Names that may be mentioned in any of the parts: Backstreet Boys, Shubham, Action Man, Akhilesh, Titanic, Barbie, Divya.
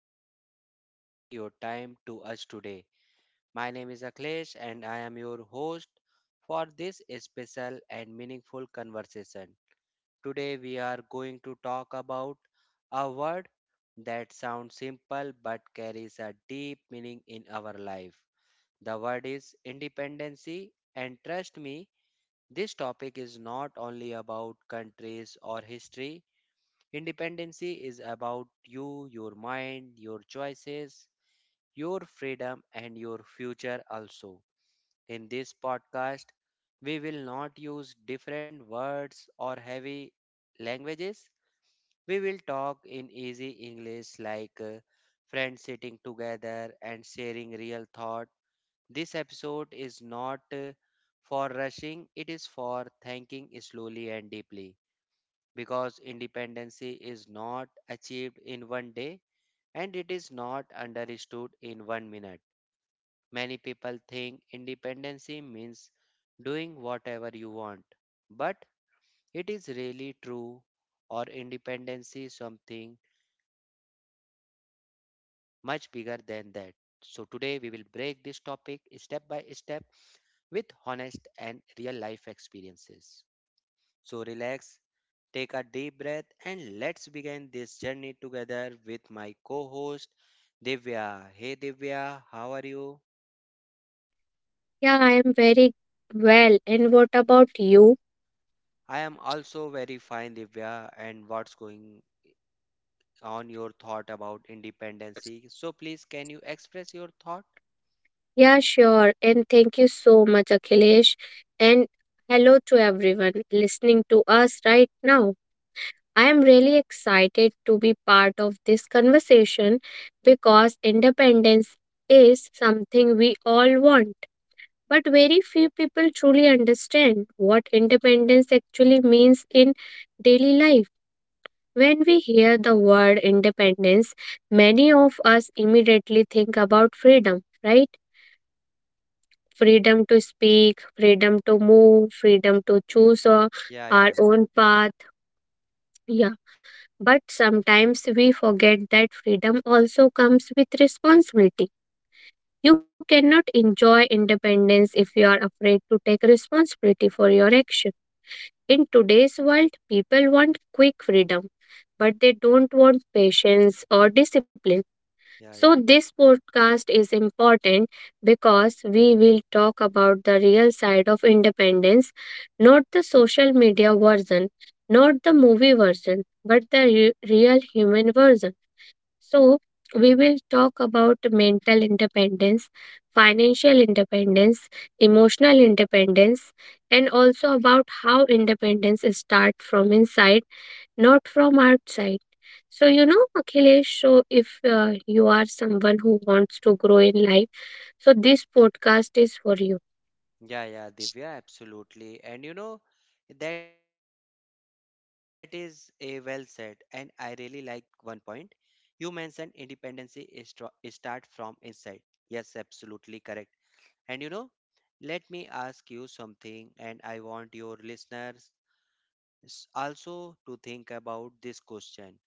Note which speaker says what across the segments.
Speaker 1: you so much for giving your time to us today. My name is Akhilesh, and I am your host for this special and meaningful conversation. Today, we are going to talk about a word that sounds simple but carries a deep meaning in our life. The word is independency, and trust me, this topic is not only about countries or history. Independency is about you, your mind, your choices, your freedom, and your future also. In this podcast, we will not use different words or heavy languages. We will talk in easy English like friends sitting together and sharing real thought. This episode is not for rushing, it is for thinking slowly and deeply because independency is not achieved in one day and it is not understood in one minute. Many people think independency means doing whatever you want, but it is really true or independency is something much bigger than that. So today we will break this topic step by step with honest and real life experiences. So relax. Take a deep breath and let's begin this journey together with my co host Divya. Hey Divya, how are you?
Speaker 2: Yeah, I am very well. And what about you?
Speaker 1: I am also very fine, Divya, and what's going on your thought about independency? So please can you express your thought?
Speaker 2: Yeah, sure. And thank you so much, Akhilesh. And hello to everyone listening to us right now. I am really excited to be part of this conversation because independence is something we all want. But very few people truly understand what independence actually means in daily life. When we hear the word independence, many of us immediately think about freedom, right? Freedom to speak, freedom to move, freedom to choose our,
Speaker 1: Yeah,
Speaker 2: our
Speaker 1: yeah,
Speaker 2: own path. Yeah. But sometimes we forget that freedom also comes with responsibility. You cannot enjoy independence if you are afraid to take responsibility for your action. In today's world, people want quick freedom, but they don't want patience or discipline.
Speaker 1: yeah,
Speaker 2: So,
Speaker 1: yeah.
Speaker 2: this podcast is important because we will talk about the real side of independence, not the social media version, not the movie version, but the real human version. So, we will talk about mental independence, financial independence, emotional independence, and also about how independence starts from inside, not from outside. So, Akhilesh, so if you are someone who wants to grow in life, so this podcast is for you.
Speaker 1: Yeah, yeah, Divya, absolutely. And you know, that is a well said. And I really like one point. You mentioned independency is start from inside. Yes, absolutely correct. And you know, let me ask you something, and I want your listeners also to think about this question.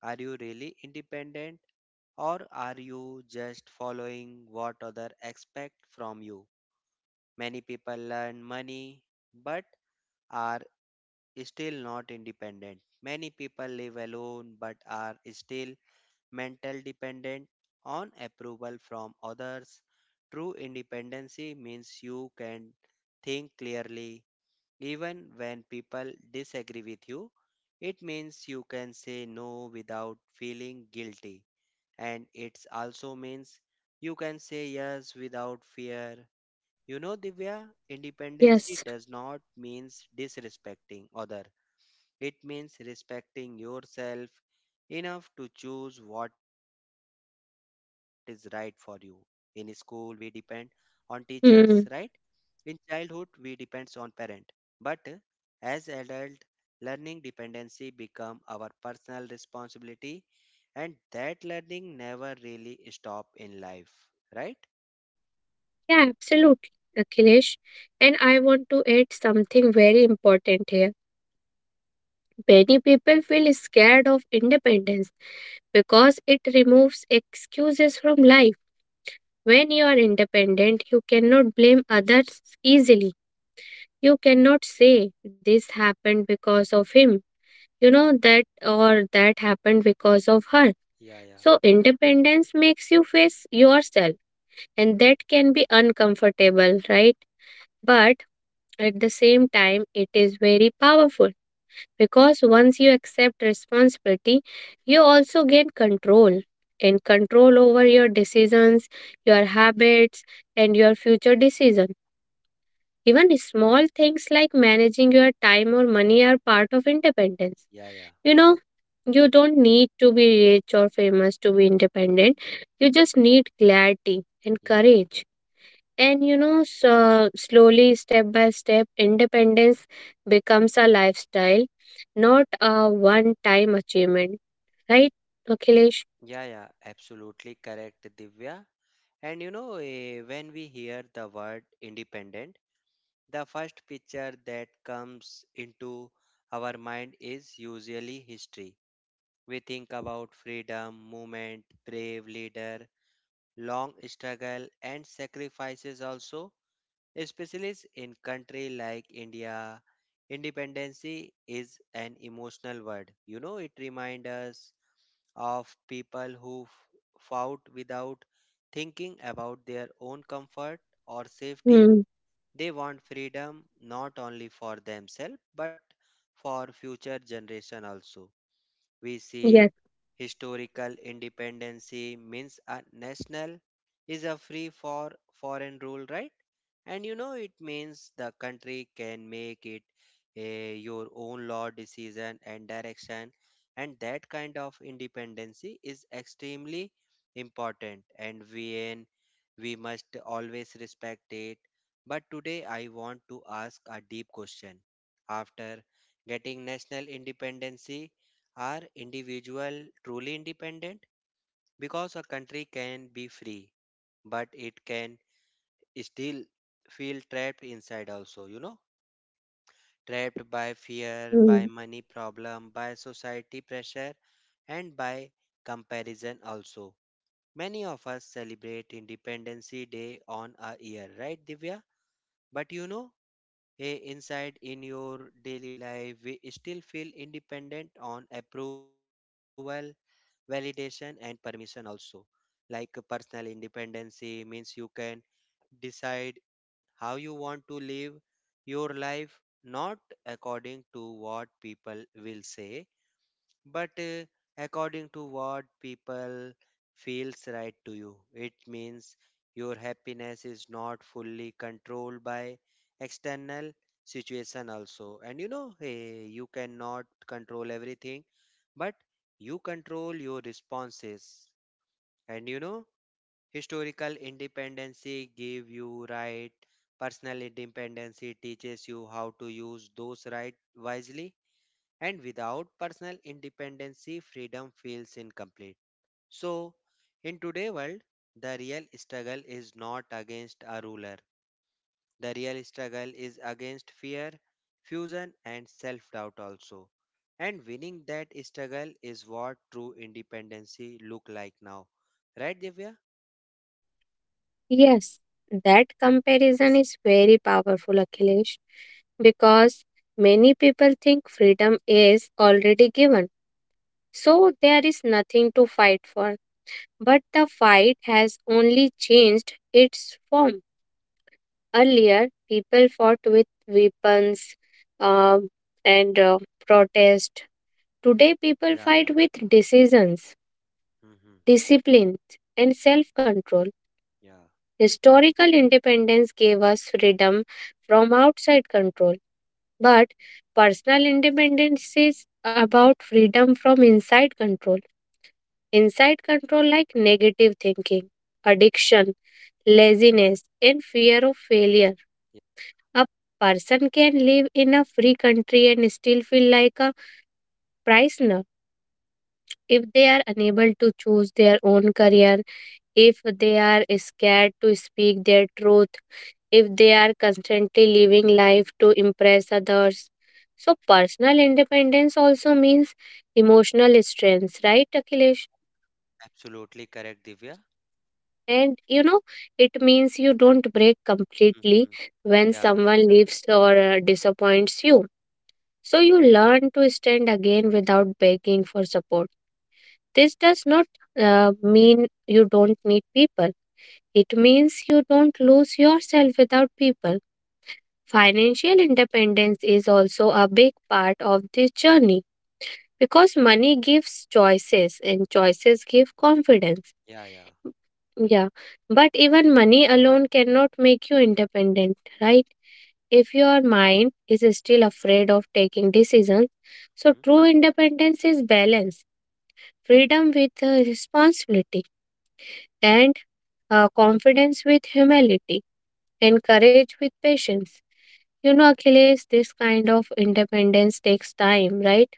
Speaker 1: Are you really independent or are you just following what other expect from you? Many people earn money but are still not independent. Many people live alone but are still mental dependent on approval from others. True independency means you can think clearly even when people disagree with you. It means you can say no without feeling guilty, and it also means you can say yes without fear. You know, Divya, independency
Speaker 2: Yes.
Speaker 1: does not means disrespecting others. It means respecting yourself enough to choose what is right for you. In school, we depend on teachers, right? In
Speaker 2: Hmm.
Speaker 1: childhood, we depends on parent. But as adult, learning dependency become our personal responsibility and that learning never really stop in life, right?
Speaker 2: Yeah, absolutely, Akhilesh. And I want to add something very important here. Many people feel scared of independence because it removes excuses from life. When you are independent, you cannot blame others easily. You cannot say this happened because of him, that, or that happened because of her,
Speaker 1: Yeah, yeah,
Speaker 2: so independence makes you face yourself, and that can be uncomfortable, right? But at the same time, it is very powerful, because once you accept responsibility, you also gain control, and control over your decisions, your habits, and your future decision. Even small things like managing your time or money are part of independence
Speaker 1: yeah, yeah.
Speaker 2: you know You don't need to be rich or
Speaker 1: Mm,
Speaker 2: famous to be
Speaker 1: mm.
Speaker 2: independent. You just need clarity and
Speaker 1: Yeah,
Speaker 2: courage. And so slowly, step by step, independence becomes a lifestyle, not a one time achievement. Right, Akhilesh?
Speaker 1: yeah, yeah. Absolutely correct, Divya. And you know, when we hear the word independent, the first picture that comes into our mind is usually history. We think about freedom, movement, brave leader, long struggle, and sacrifices also, especially in country like India. Independency is an emotional word. You know, it reminds us of people who fought without thinking about their own comfort or safety.
Speaker 2: Hmm.
Speaker 1: They want freedom not only for themselves but for future generation also. We
Speaker 2: Yes.
Speaker 1: see historical independency means a national is a free for foreign rule, right? And you know, it means the country can make it your own law decision and direction. And that kind of independency is extremely important. And when we must always respect it. But today I want to ask a deep question. After getting national independency, are individual truly independent? Because a country can be free, but it can still feel trapped inside also, you know, trapped by fear, by
Speaker 2: Hmm.
Speaker 1: money problem, by society pressure, and by comparison also. Many of us celebrate independency day on a year, right, Divya? But you know,
Speaker 2: Yes.
Speaker 1: inside in your daily life we still feel independent on approval, validation, and permission also. Like personal independency means you can decide how you want to live your life, not according to what people will say, but according to what people feels right to you. It means your happiness is not fully controlled by external situation also. And you know, you cannot control everything, but you control your responses. And you know, historical independency give you right, personal independency teaches you how to use those rights wisely, and without personal independency, freedom feels incomplete. So, in today's world, the real struggle is not against a ruler. The real struggle is against fear, fusion, and self doubt also. And winning that struggle is what true independency look like now. Right, Divya?
Speaker 2: Yes. That comparison is very powerful, Akhilesh, because many people think freedom is already given, so there is nothing to fight for. But the fight has only changed its form. Earlier, people fought with weapons uh, and protest. Today, people
Speaker 1: Yeah, yeah.
Speaker 2: fight with decisions,
Speaker 1: Mhm.
Speaker 2: discipline, and self control.
Speaker 1: Yeah,
Speaker 2: Historical independence gave us freedom from outside control, but personal independence is about freedom from inside control. Inside control like negative thinking, addiction, laziness, and fear of failure.
Speaker 1: yeah,
Speaker 2: A person can live in a free country and still feel like a prisoner if they are unable to choose their own career, if they are scared to speak their truth, if they are constantly living life to impress others. So, personal independence also means emotional strength, right, Akhilesh?
Speaker 1: absolutely correct, Divya.
Speaker 2: And it means you don't break completely
Speaker 1: Hmm.
Speaker 2: when
Speaker 1: Yeah,
Speaker 2: someone leaves or disappoints you. So you learn to stand again without begging for support. This does not mean you don't need people. It means you don't lose yourself without people. Financial independence is also a big part of this journey because money gives choices and choices give confidence.
Speaker 1: yeah, yeah.
Speaker 2: Yeah, but even money alone cannot make you independent, right? If your mind is still afraid of taking decisions, so
Speaker 1: Hmm.
Speaker 2: true independence is balance, freedom with responsibility, and confidence with humility, and courage with patience. Achilles, this kind of independence takes time, right?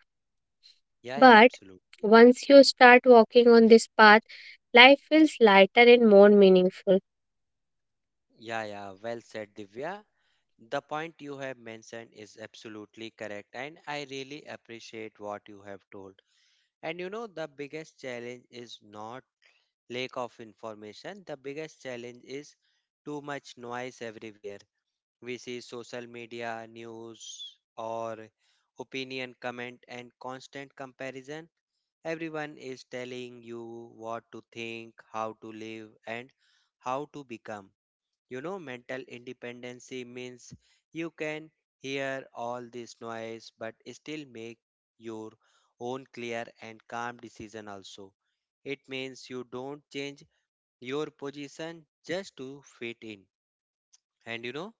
Speaker 1: Yeah, yeah,
Speaker 2: But
Speaker 1: absolutely.
Speaker 2: once you start walking on this path, life feels lighter and more meaningful.
Speaker 1: Yeah, yeah, well said, Divya. The point you have mentioned is absolutely correct, and I really appreciate what you have told. And you know, the biggest challenge is not lack of information, the biggest challenge is too much noise everywhere. We see social media, news, or opinion, comment, and constant comparison. Everyone is telling you what to think, how to live, and how to become. You know, mental independency means you can hear all this noise but still make your own clear and calm decision also. It means you don't change your position just to fit in. And you know,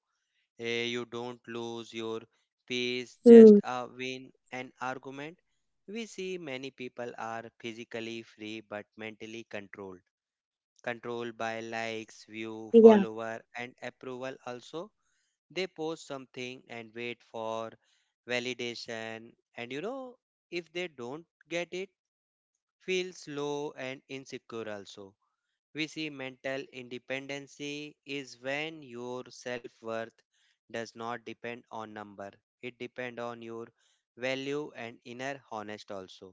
Speaker 1: You don't lose your peace
Speaker 2: Hmm.
Speaker 1: just win an argument. We see many people are physically free but mentally controlled. Controlled by likes, view,
Speaker 2: Yeah.
Speaker 1: follower, and approval also. They post something and wait for validation. And you know, if they don't get it, feels low and insecure also. We see mental independency is when your self worth does not depend on number. It depends on your value and inner honest also.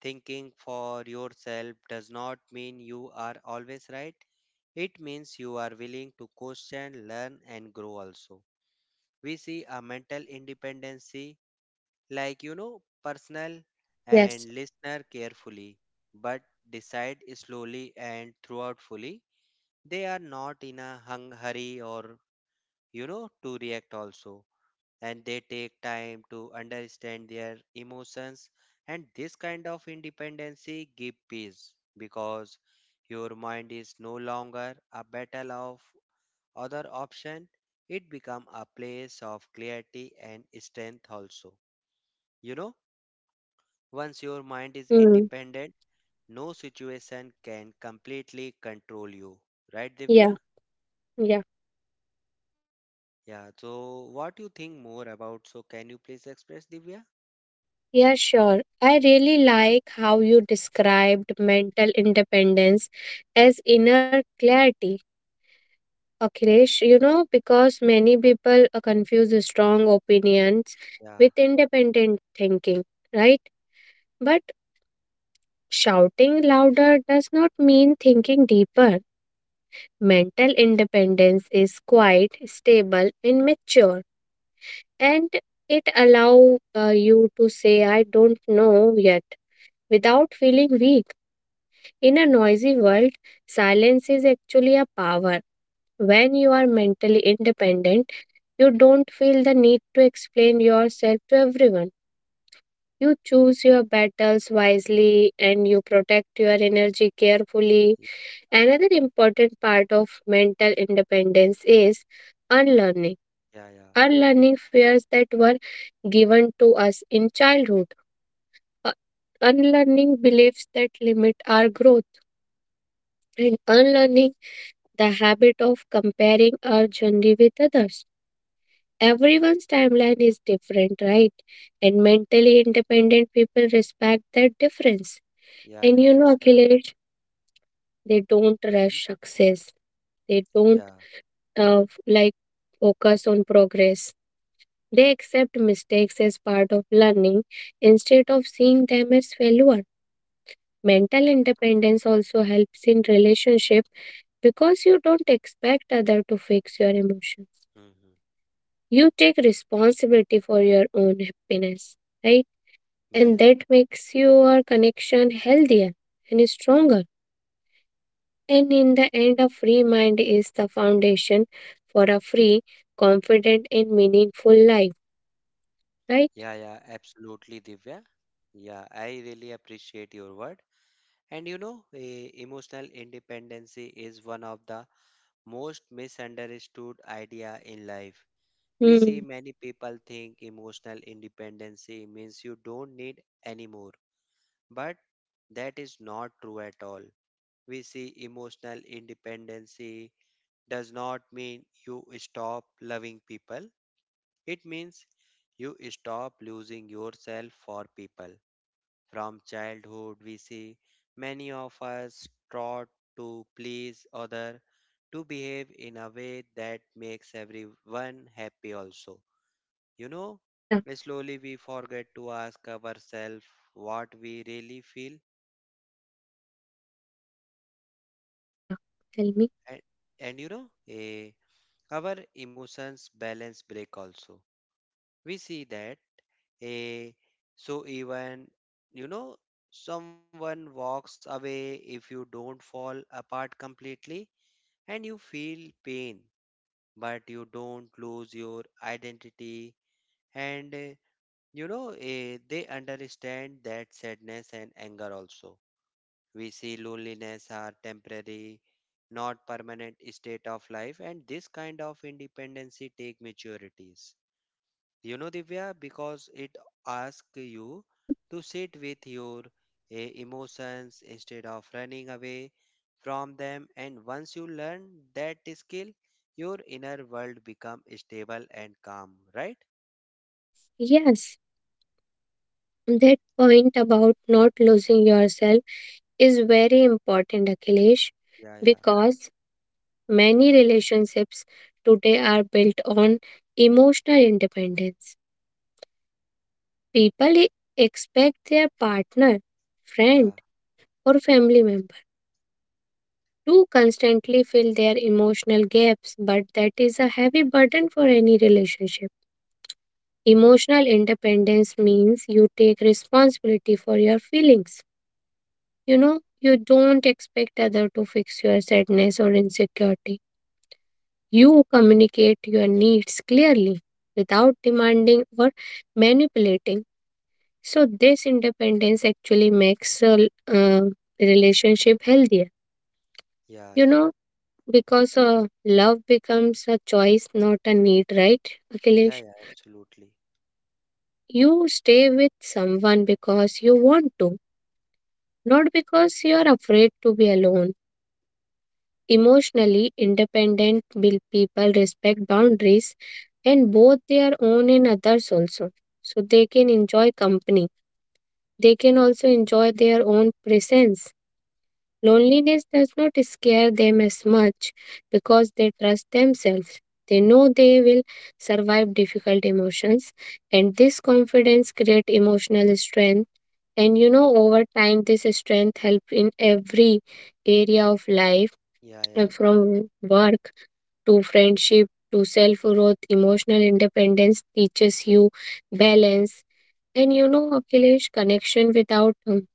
Speaker 1: Thinking for yourself does not mean you are always right. It means you are willing to question, learn and grow also. We see a mental independency
Speaker 2: Yes.
Speaker 1: like you know personal and listener carefully but decide slowly and throughout fully. They are not in a hung hurry or, to react also. And they take time to understand their emotions. And this kind of independency give peace because your mind is no longer a battle of other option. It become a place of clarity and strength also. You know, once your mind is
Speaker 2: Mm.
Speaker 1: independent, no situation can completely control you. Right,
Speaker 2: Yeah.
Speaker 1: Divya?
Speaker 2: Yeah.
Speaker 1: Yeah, so what you think more about? So can you please express, Divya?
Speaker 2: Yeah, sure. I really like how you described mental independence as inner clarity. Akhilesh, because many people confuse strong opinions
Speaker 1: Yeah,
Speaker 2: with independent thinking, right? But shouting louder does not mean thinking deeper. Mental independence is quite stable and mature, and it allow you to say, "I don't know yet," without feeling weak. In a noisy world, silence is actually a power. When you are mentally independent, you don't feel the need to explain yourself to everyone. You choose your battles wisely and you protect your energy carefully.
Speaker 1: y-
Speaker 2: Another important part of mental independence is unlearning.
Speaker 1: yeah, yeah,
Speaker 2: Unlearning fears that were given to us in childhood. Uh, Unlearning beliefs that limit our growth, and unlearning the habit of comparing our journey with others. Everyone's timeline is different, right? And mentally independent people respect that difference.
Speaker 1: yeah,
Speaker 2: And
Speaker 1: yeah, absolutely.
Speaker 2: Akhilesh, they don't
Speaker 1: Mm-hmm.
Speaker 2: rush success. They don't
Speaker 1: Yeah,
Speaker 2: like focus on progress. They accept mistakes as part of learning instead of seeing them as failure. Mental independence also helps in relationship because you don't expect other to fix your emotions.
Speaker 1: mm-hmm.
Speaker 2: You take responsibility for your own happiness, right?
Speaker 1: Yeah,
Speaker 2: And
Speaker 1: yeah,
Speaker 2: that makes your connection healthier and stronger. And in the end, a free mind is the foundation for a free, confident, and meaningful life,
Speaker 1: yeah,
Speaker 2: right?
Speaker 1: yeah, absolutely, Divya. Yeah, I really appreciate your word. And you know, emotional independency is one of the most misunderstood idea in life. We see
Speaker 2: Hmm.
Speaker 1: many people think emotional independency means you don't need anymore, but that is not true at all. We see emotional independency does not mean you stop loving people. It means you stop losing yourself for people. From childhood, we see many of us taught to please other, to behave in a way that makes everyone happy also. You know,
Speaker 2: Yeah.
Speaker 1: slowly we forget to ask ourselves what we really feel.
Speaker 2: Hmm. Yeah. Tell me.
Speaker 1: And, and you know, a our emotions balance break also. We see that a so even, you know, someone walks away, if you don't fall apart completely and you feel pain but you don't lose your identity. And you know, they understand that sadness and anger also, we see loneliness are temporary, not permanent state of life. And this kind of independency take maturities. You know, Divya, because it asks you
Speaker 2: Hmm.
Speaker 1: to sit with your emotions instead of running away from them. And once you learn that skill, your inner world become stable and calm, right?
Speaker 2: Yes. That point about not losing yourself is very important, Akhilesh,
Speaker 1: Yeah, yeah,
Speaker 2: because many relationships today are built on emotional independence. People expect their partner, friend,
Speaker 1: yeah,
Speaker 2: or family member to constantly fill their emotional gaps, but that is a heavy burden for any relationship. Emotional independence means you take responsibility for your feelings. You don't expect other to fix your sadness or insecurity. You communicate your needs clearly without demanding or manipulating. So this independence actually makes a relationship healthier.
Speaker 1: yeah,
Speaker 2: You
Speaker 1: yeah,
Speaker 2: know, because love becomes a choice, not a need, right,
Speaker 1: yeah,
Speaker 2: Akhilesh?
Speaker 1: yeah, absolutely.
Speaker 2: You stay with someone because you want to, not because you are afraid to be alone. Emotionally independent will people respect boundaries and both their own and others also. So they can enjoy company. They can also enjoy their own presence. Loneliness does not scare them as much because they trust themselves. They know they will survive difficult emotions, and this confidence creates emotional strength. And over time, this strength help in every area of life
Speaker 1: Yeah, yeah,
Speaker 2: from work to friendship to self growth, emotional independence teaches you balance. And Akhilesh, connection without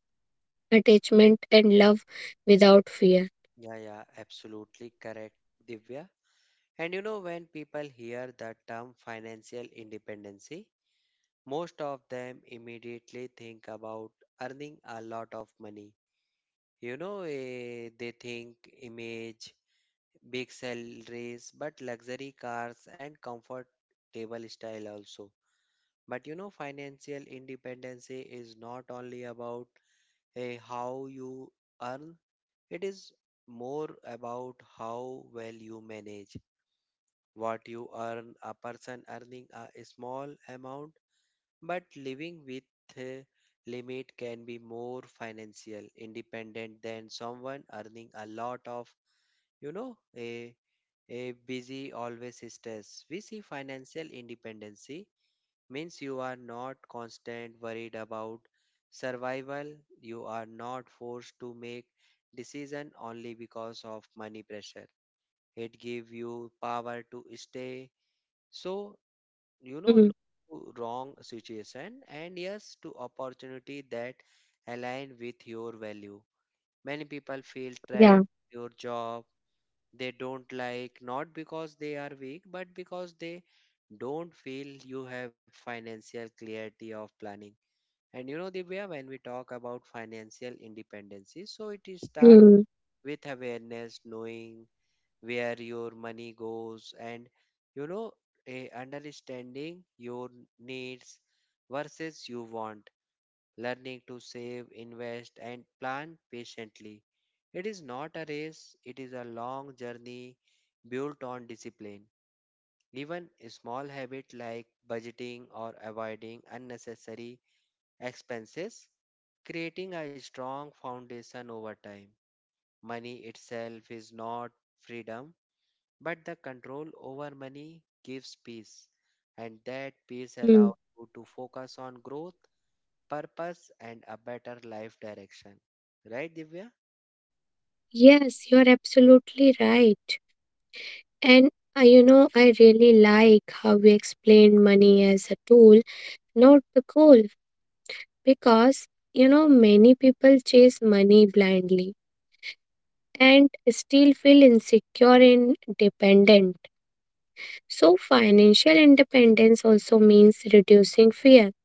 Speaker 2: attachment and love without fear.
Speaker 1: yeah, yeah, absolutely correct, Divya. And you know, when people hear the term financial independency, most of them immediately think about earning a lot of money. You know, they think image, big salaries, but luxury cars and comfortable style also. But you know, financial independence is not only about how you earn, it is more about how well you manage what you earn. A person earning a small amount but living with a limit can be more financial independent than someone earning a lot of, you know, a busy always stress. We see financial independency means you are not constant worried about survival. You are not forced to make decision only because of money pressure. It give you power to stay so,
Speaker 2: Hmm.
Speaker 1: no to wrong situation and yes to opportunity that align with your value. Many people feel
Speaker 2: Yeah.
Speaker 1: trapped in your job they don't like, not because they are weak but because they don't feel you have financial clarity of planning. And you know, Divya, when we talk about financial independency, so it is start
Speaker 2: Hmm.
Speaker 1: with awareness, knowing where your money goes and you know a understanding your needs versus you want, learning to save invest and plan patiently. It is not a race, it is a long journey built on discipline. Even a small habit like budgeting or avoiding unnecessary expenses creating a strong foundation over time. Money itself is not freedom, but the control over money gives peace, and that peace allows
Speaker 2: Hmm.
Speaker 1: you to focus on growth, purpose, and a better life direction. Right, Divya?
Speaker 2: Yes, you're absolutely right. And I really like how we explain money as a tool, not the goal, because many people chase money blindly and still feel insecure and dependent. So, financial independence also means reducing fear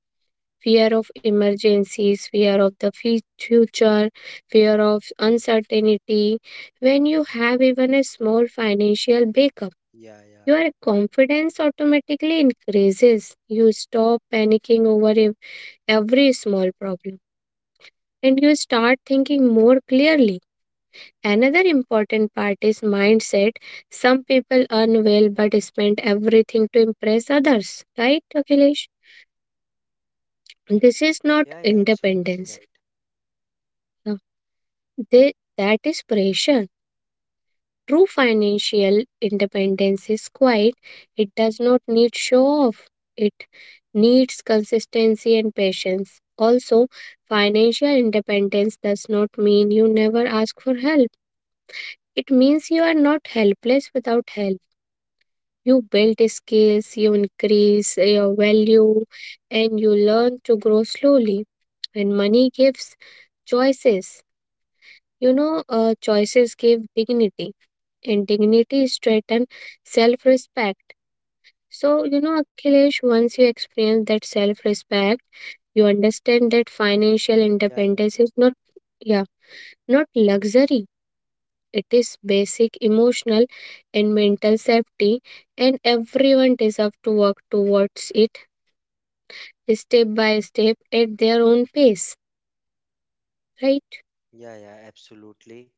Speaker 2: fear of emergencies, fear of the future, fear of uncertainty. When you have even a small financial backup,
Speaker 1: Yeah, yeah.
Speaker 2: your confidence automatically increases. You stop panicking over every small problem and you start thinking more clearly. Another important part is mindset. Some people earn well but spend everything to impress others. Right, Akhilesh? This is not
Speaker 1: Yeah, yeah, absolutely
Speaker 2: independence.
Speaker 1: right.
Speaker 2: No. That is pressure. True financial independence is quiet. It does not need show off. It needs consistency and patience. Also, financial independence does not mean you never ask for help. It means you are not helpless without help. You build skills, you increase your value, and you learn to grow slowly. And money gives choices. Choices give dignity, and dignity strengthens self respect. So, Akhilesh, once you experience that self respect, you understand that financial
Speaker 1: Yeah, yeah,
Speaker 2: independence is not, yeah, not luxury. It is basic emotional and mental safety, and everyone deserves to work towards it step by step at their own pace, right?
Speaker 1: yeah, yeah, absolutely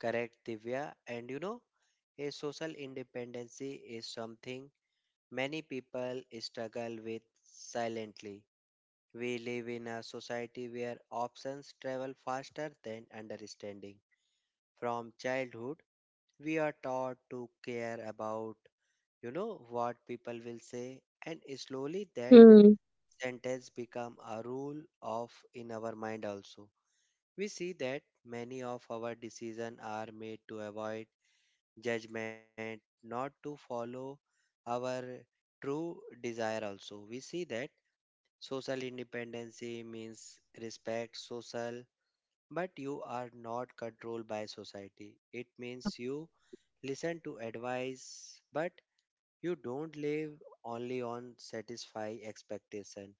Speaker 1: correct, Divya. And you know, a social independency is something many people struggle with silently. We live in a society where options travel faster than understanding. From childhood, we are taught to care about, what people will say, and slowly that
Speaker 2: Hmm.
Speaker 1: sentence become a rule of in our mind also. We see that many of our decisions are made to avoid judgment, not to follow our true desire also. We see that social independency means respect social, but you are not controlled by society. It
Speaker 2: Yeah.
Speaker 1: means you listen to advice, but you don't live only on satisfy expectation.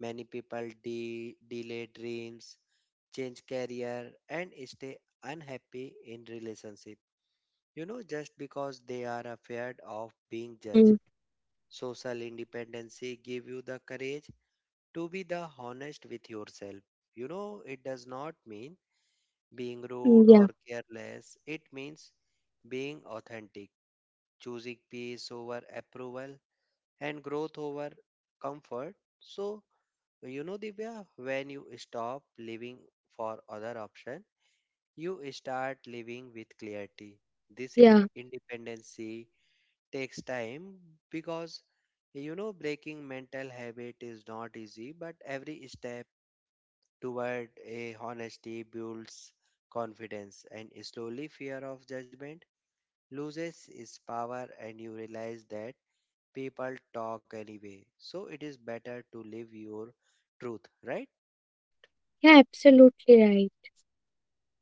Speaker 1: Many people delay dreams, change career, and stay unhappy in relationship, just because they are afraid of being judged.
Speaker 2: Hmm.
Speaker 1: Social independency give you the courage to be the honest with yourself. It does not mean being
Speaker 2: Hmm.
Speaker 1: rude or
Speaker 2: Yeah.
Speaker 1: careless. It means being authentic, choosing peace over approval and growth over comfort. So, Divya, when you stop living for other option, you start living with clarity. This im-
Speaker 2: Yeah.
Speaker 1: independency takes time because breaking mental habit is not easy, but every step toward a honesty builds confidence and slowly fear of judgment loses its power, and you realize that people talk anyway, so it is better to live your truth, right?
Speaker 2: Yeah. Absolutely right.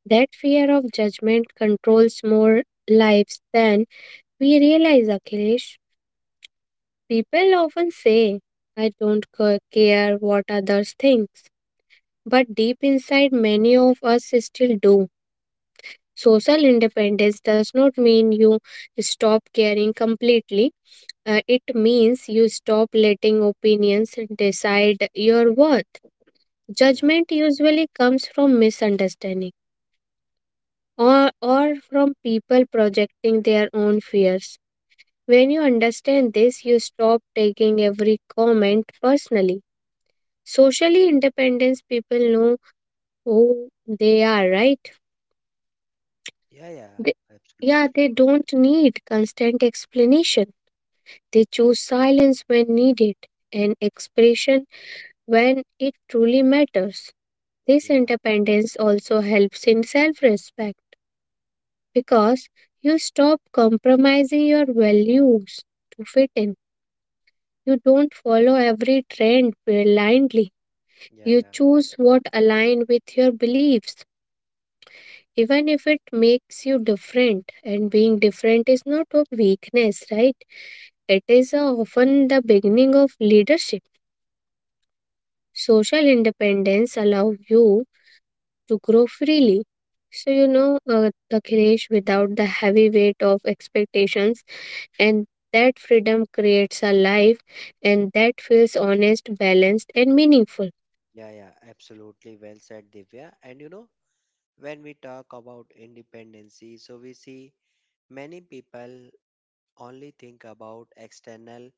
Speaker 2: That fear of judgment controls more lives than we realize, Akhilesh. People often say, "I don't care what others think." But deep inside, many of us still do. Social independence does not mean you stop caring completely. It means you stop letting opinions decide your worth.
Speaker 1: Yeah,
Speaker 2: Judgment usually comes from misunderstanding, or from people projecting their own fears. When you understand this, you stop taking every comment personally. Socially independent people know who they are, right?
Speaker 1: yeah, yeah,
Speaker 2: They- yeah,
Speaker 1: absolutely.
Speaker 2: they don't need constant explanation. They choose silence when needed and expression when it truly matters. This
Speaker 1: Yeah,
Speaker 2: independence also helps in self respect because you stop compromising your values to fit in. You don't follow every trend blindly.
Speaker 1: yeah,
Speaker 2: You
Speaker 1: yeah,
Speaker 2: choose what aligns with your beliefs, even if it makes you different. And being different is not a weakness, right? It is often the beginning of leadership. Social independence allow you to grow freely. So Akhilesh, without the heavy weight of expectations, and that freedom creates a life, and that feels honest, balanced, and meaningful.
Speaker 1: yeah, yeah, absolutely well said, Divya. And you know, when we talk about independency, so we see many people only think about external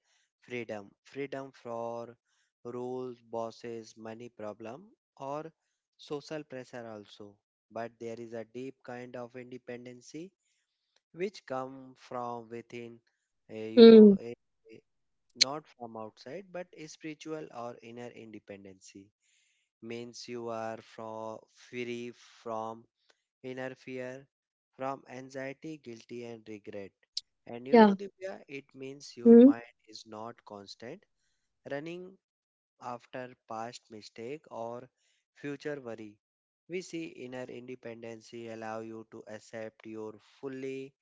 Speaker 1: freedom, freedom for rules, bosses, money problem, or social pressure also. But there is a deep kind of independency which come from within, eh, you know,
Speaker 2: Hmm.
Speaker 1: eh, eh, not from outside, but a spiritual or inner independency means you are from free from inner fear, from anxiety, guilty, and regret. And
Speaker 2: Yeah.
Speaker 1: Divya, it means your
Speaker 2: Hmm.
Speaker 1: mind is not constant, running after past mistake or future worry. We see inner independency allow you to accept your fully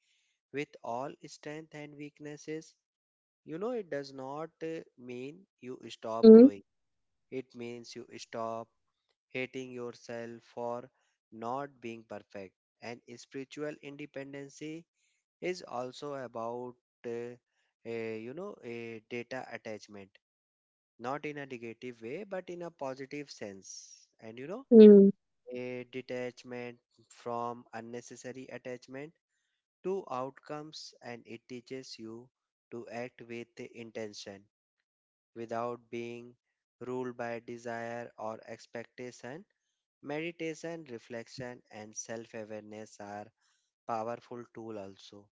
Speaker 1: with all strength and weaknesses. It does not mean you stop
Speaker 2: Hmm.
Speaker 1: growing. It means you stop hating yourself for not being perfect. And spiritual independency is also about, uh, a data attachment, not in a negative way, but in a positive sense. And,
Speaker 2: Hmm.
Speaker 1: a detachment from unnecessary attachment to outcomes, and it teaches you to act with intention without being ruled by desire or expectation. Meditation, reflection, and self awareness are powerful tools also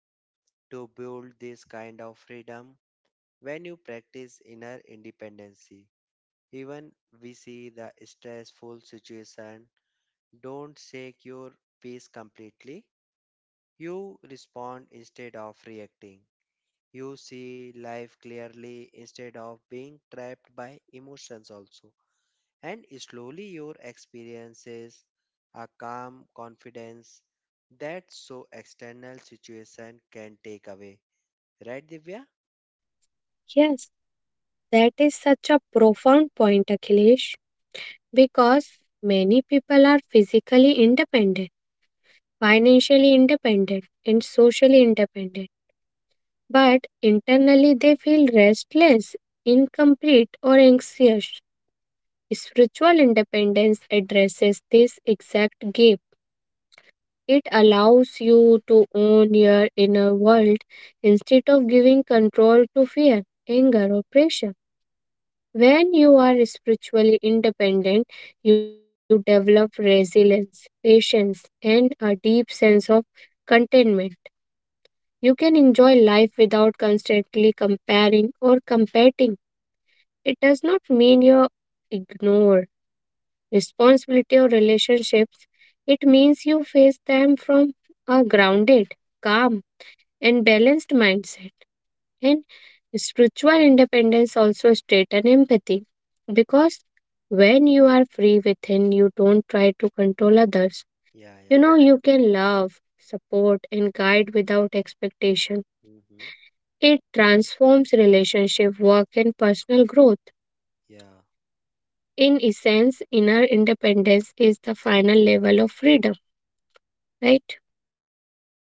Speaker 1: to build this kind of freedom. When you practice inner independency, even we see the stressful situation, don't shake your peace completely. You respond instead of reacting. You see life clearly instead of being trapped by emotions also. And slowly your experiences a calm confidence that so external situation can take away, right, Divya?
Speaker 2: Yes, that is such a profound point, Akhilesh, because many people are physically independent, financially independent, and socially independent, but internally they feel restless, incomplete, or anxious. Spiritual independence addresses this exact gap. It allows you to own your inner world instead of giving control to fear, anger, or pressure. When you are spiritually independent, you develop resilience, patience, and a deep sense of contentment. You can enjoy life without constantly comparing or competing. It does not mean you ignore responsibility or relationships. It means you face them from a grounded, calm, and balanced mindset. And spiritual independence also strengthens empathy because when you are free within, you don't try to control others.
Speaker 1: Yeah,
Speaker 2: You
Speaker 1: yeah.
Speaker 2: know, you can love, support, and guide without expectation.
Speaker 1: Mm-hmm.
Speaker 2: It transforms relationship, work, and personal growth.
Speaker 1: Yeah,
Speaker 2: In essence, inner independence is the final level of freedom, right?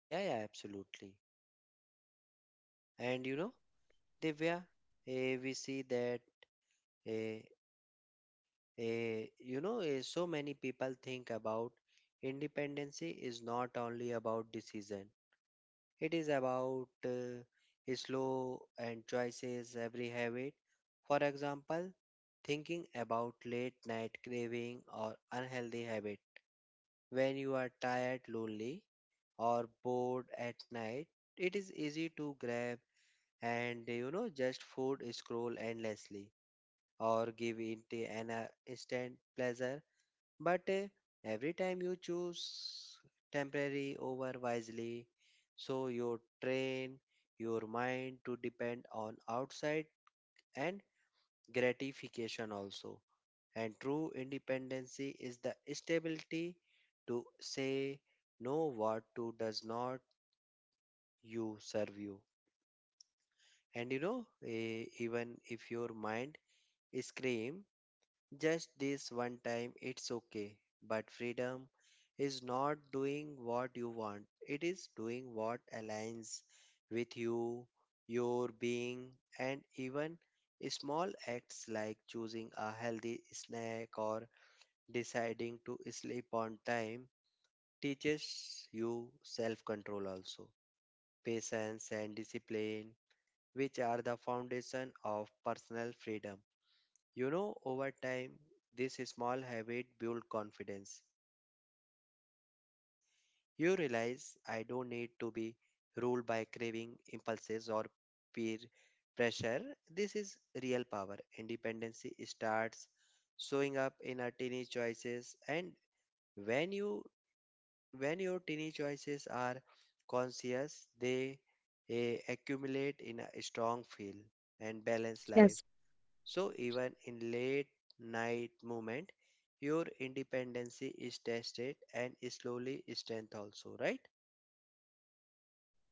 Speaker 1: yeah, yeah, absolutely. And Divya, we see that eh, so many people think about independency is not only about decision. It is about slow and choices every habit. For example, thinking about late night craving or unhealthy habit. When you are tired, lonely, or bored at night, it is easy to grab and just food scroll endlessly or give it an instant pleasure, but every time you choose temporary over wisely, so you train your mind to depend on outside and gratification also. And true independency is the stability to say no what to does not you serve you. And even if your mind scream, just this one time, it's okay. But freedom is not doing what you want, it is doing what aligns with you, your being, and even small acts like choosing a healthy snack or deciding to sleep on time teaches you self control also, patience, and discipline, which are the foundation of personal freedom. Over time, this small habit builds confidence. You realize I don't need to be ruled by craving, impulses, or peer pressure. This is real power. Independency starts showing up in our tiny choices, and when you when your tiny choices are conscious, they accumulate in a strong feel and balanced life.
Speaker 2: Yes,
Speaker 1: So even in late night movement, your independency is tested and slowly strength also, right?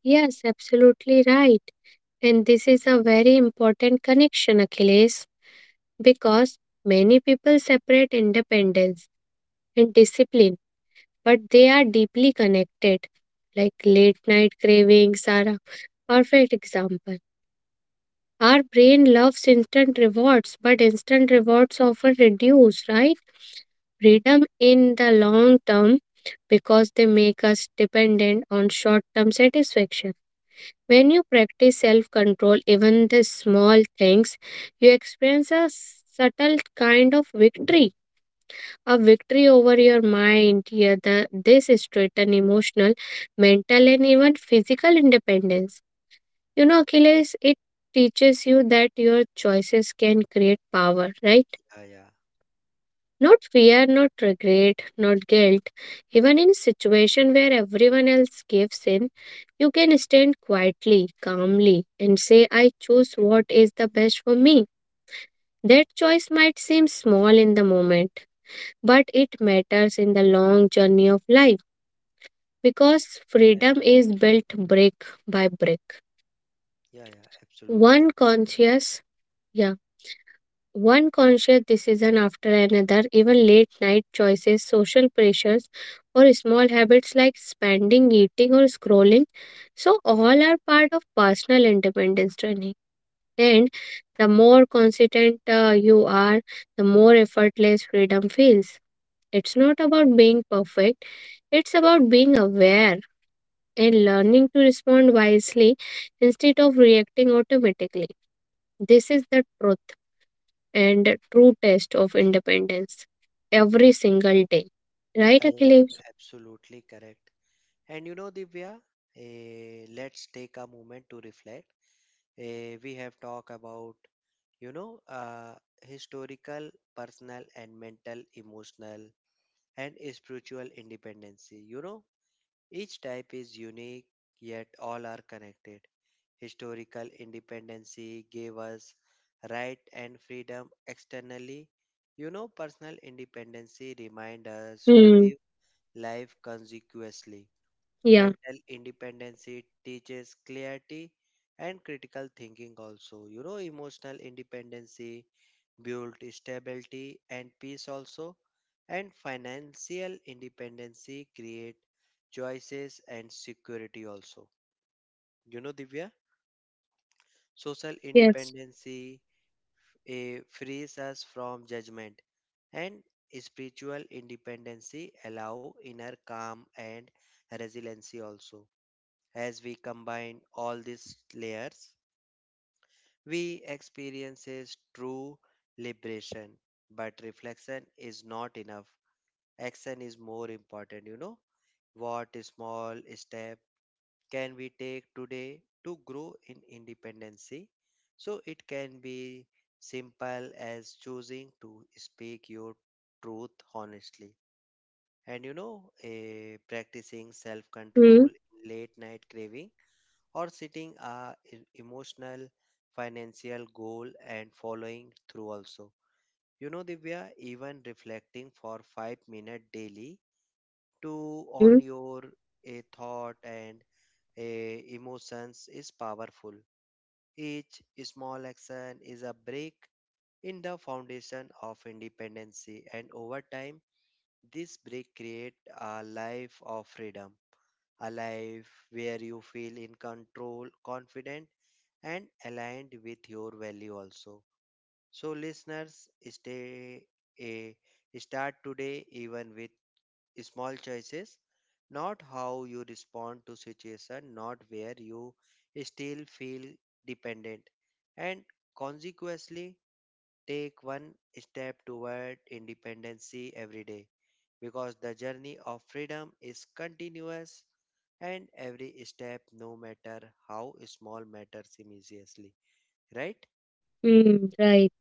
Speaker 2: yes, absolutely right. And this is a very important connection, Achilles, because many people separate independence and discipline, but they are deeply connected. Like late night cravings are a perfect example. Our brain loves instant rewards, but instant rewards often reduce, right? Freedom in the long term because they make us dependent on short term satisfaction. When you practice self control, even the small things, you experience a subtle kind of victory, a victory over your mind. Here, this is straight and emotional, mental, and even physical independence. You know, Achilles, it teaches you that your choices can create power, right?
Speaker 1: Yeah, yeah,
Speaker 2: Not fear, not regret, not guilt. Even in a situation where everyone else gives in, you can stand quietly, calmly, and say, I choose what is the best for me. That choice might seem small in the moment, but it matters in the long journey of life because
Speaker 1: yeah,
Speaker 2: freedom
Speaker 1: yeah,
Speaker 2: is built brick by brick.
Speaker 1: yeah, yeah,
Speaker 2: One
Speaker 1: absolutely.
Speaker 2: conscious, yeah. One conscious decision after another, even late night choices, social pressures, or small habits like spending, eating, or scrolling. So, all are part of personal independence journey. And the more consistent you are, the more effortless freedom feels. It's not about being perfect, it's about being aware and learning to respond wisely instead of reacting automatically. This is the truth and true test of independence every single day. Right,
Speaker 1: Yeah, yeah,
Speaker 2: Akhilesh?
Speaker 1: absolutely correct. And Divya, let's take a moment to reflect. We have talked about, you know, uh, historical, personal, and mental, emotional, and spiritual independency. Each type is unique, yet all are connected. Historical independency gave us right and freedom externally. Personal independency reminds us to
Speaker 2: Hmm.
Speaker 1: live life consequently.
Speaker 2: Yeah.
Speaker 1: Mental independency teaches clarity and critical thinking also. Emotional independency builds stability and peace also. And financial independency create choices and security also. You know, Divya? Social
Speaker 2: Yes.
Speaker 1: independency frees us from judgment, and spiritual independency allow inner calm and resiliency also. As we combine all these layers, we experiences true liberation. But reflection is not enough. Action is more important. You know what small step can we take today to grow in independency? So it can be simple as choosing to speak your truth honestly. And practicing self
Speaker 2: Hmm.
Speaker 1: control, late night craving, or setting a emotional financial goal and following through also. Divya, even reflecting for 5 minutes daily to
Speaker 2: Hmm.
Speaker 1: on your a thought and a emotions is powerful. Each small action is a break in the foundation of independency, and over time, this break create a life of freedom, a life where you feel in control, confident, and aligned with your value also. So, listeners, stay a start today even with small choices, not how you respond to situation, not where you still feel dependent, and consequently take one step toward independency every day, because the journey of freedom is continuous and every step, no matter how small, matters immensely, right?
Speaker 2: Hmm. Right,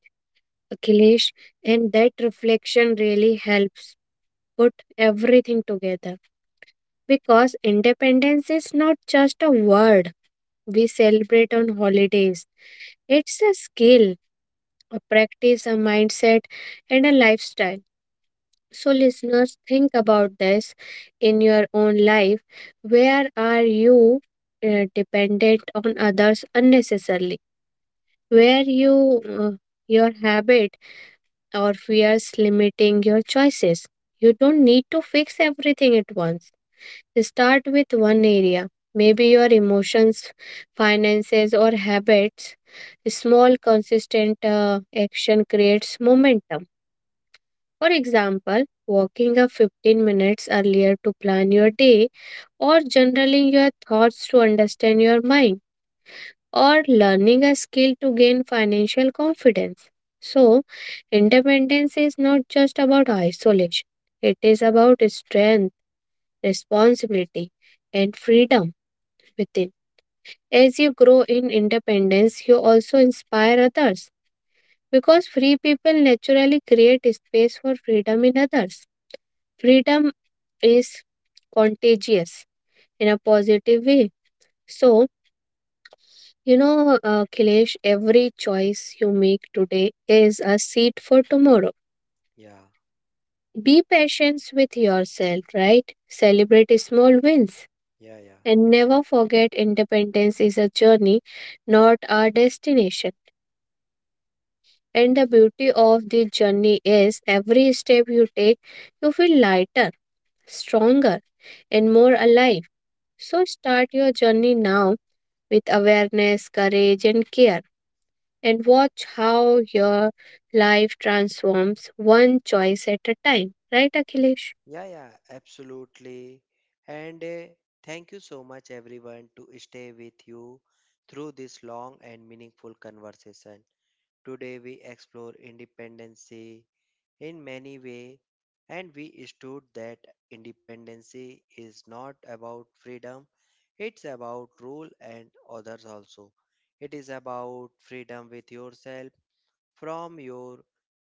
Speaker 2: Akhilesh. And that reflection really helps put everything together because independence is not just a word we celebrate on holidays. It's a skill, a practice, a mindset, and a lifestyle. So, listeners, think about this in your own life. Where are you dependent on others unnecessarily? Where you your habit or fears limiting your choices? You don't need to fix everything at once. Start with one area, maybe your emotions, finances, or habits. Small, consistent action creates momentum. For example, waking up 15 minutes earlier to plan your day, or journaling your thoughts to understand your mind, or learning a skill to gain financial confidence. So, independence is not just about isolation, it is about strength, responsibility, and freedom within. As you grow in independence, you also inspire others because free people naturally create space for freedom in others. Freedom is contagious in a positive way. So, you know, Kilesh, every choice you make today is a seed for tomorrow.
Speaker 1: Yeah,
Speaker 2: Be patient with yourself, right? Celebrate small wins.
Speaker 1: yeah, yeah.
Speaker 2: And never forget independence is a journey, not a destination. And the beauty of this journey is every step you take, you feel lighter, stronger, and more alive. So start your journey now with awareness, courage, and care. And watch how your life transforms one choice at a time. Right, Akhilesh?
Speaker 1: Yeah, yeah, absolutely. And thank you so much, everyone, to stay with you through this long and meaningful conversation. Today, we explore independency in many ways, and we stood that independency is not about freedom, it's about rule and others also. It is about freedom with yourself from your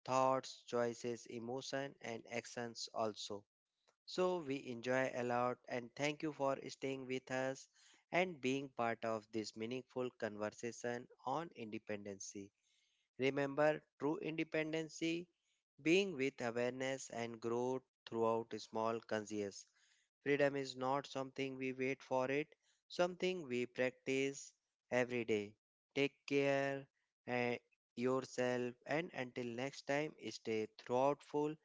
Speaker 1: thoughts, choices, emotion, and actions also. So we enjoy a lot and thank you for staying with us and being part of this meaningful conversation on independency. Remember, true independency being with awareness and growth throughout small conscious. Freedom is not something we wait for it, something we practice every day. Take care eh, yourself, and until next time stay thoughtful,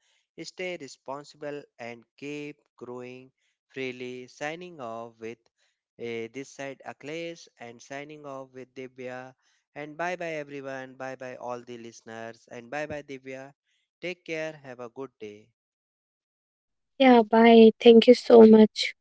Speaker 1: stay responsible and keep growing freely. Signing off with this side Akhilesh and signing off with Divya, and bye bye everyone, bye bye all the listeners and bye bye Divya. Take care, have a good day.
Speaker 2: Yeah, bye. Thank you so much.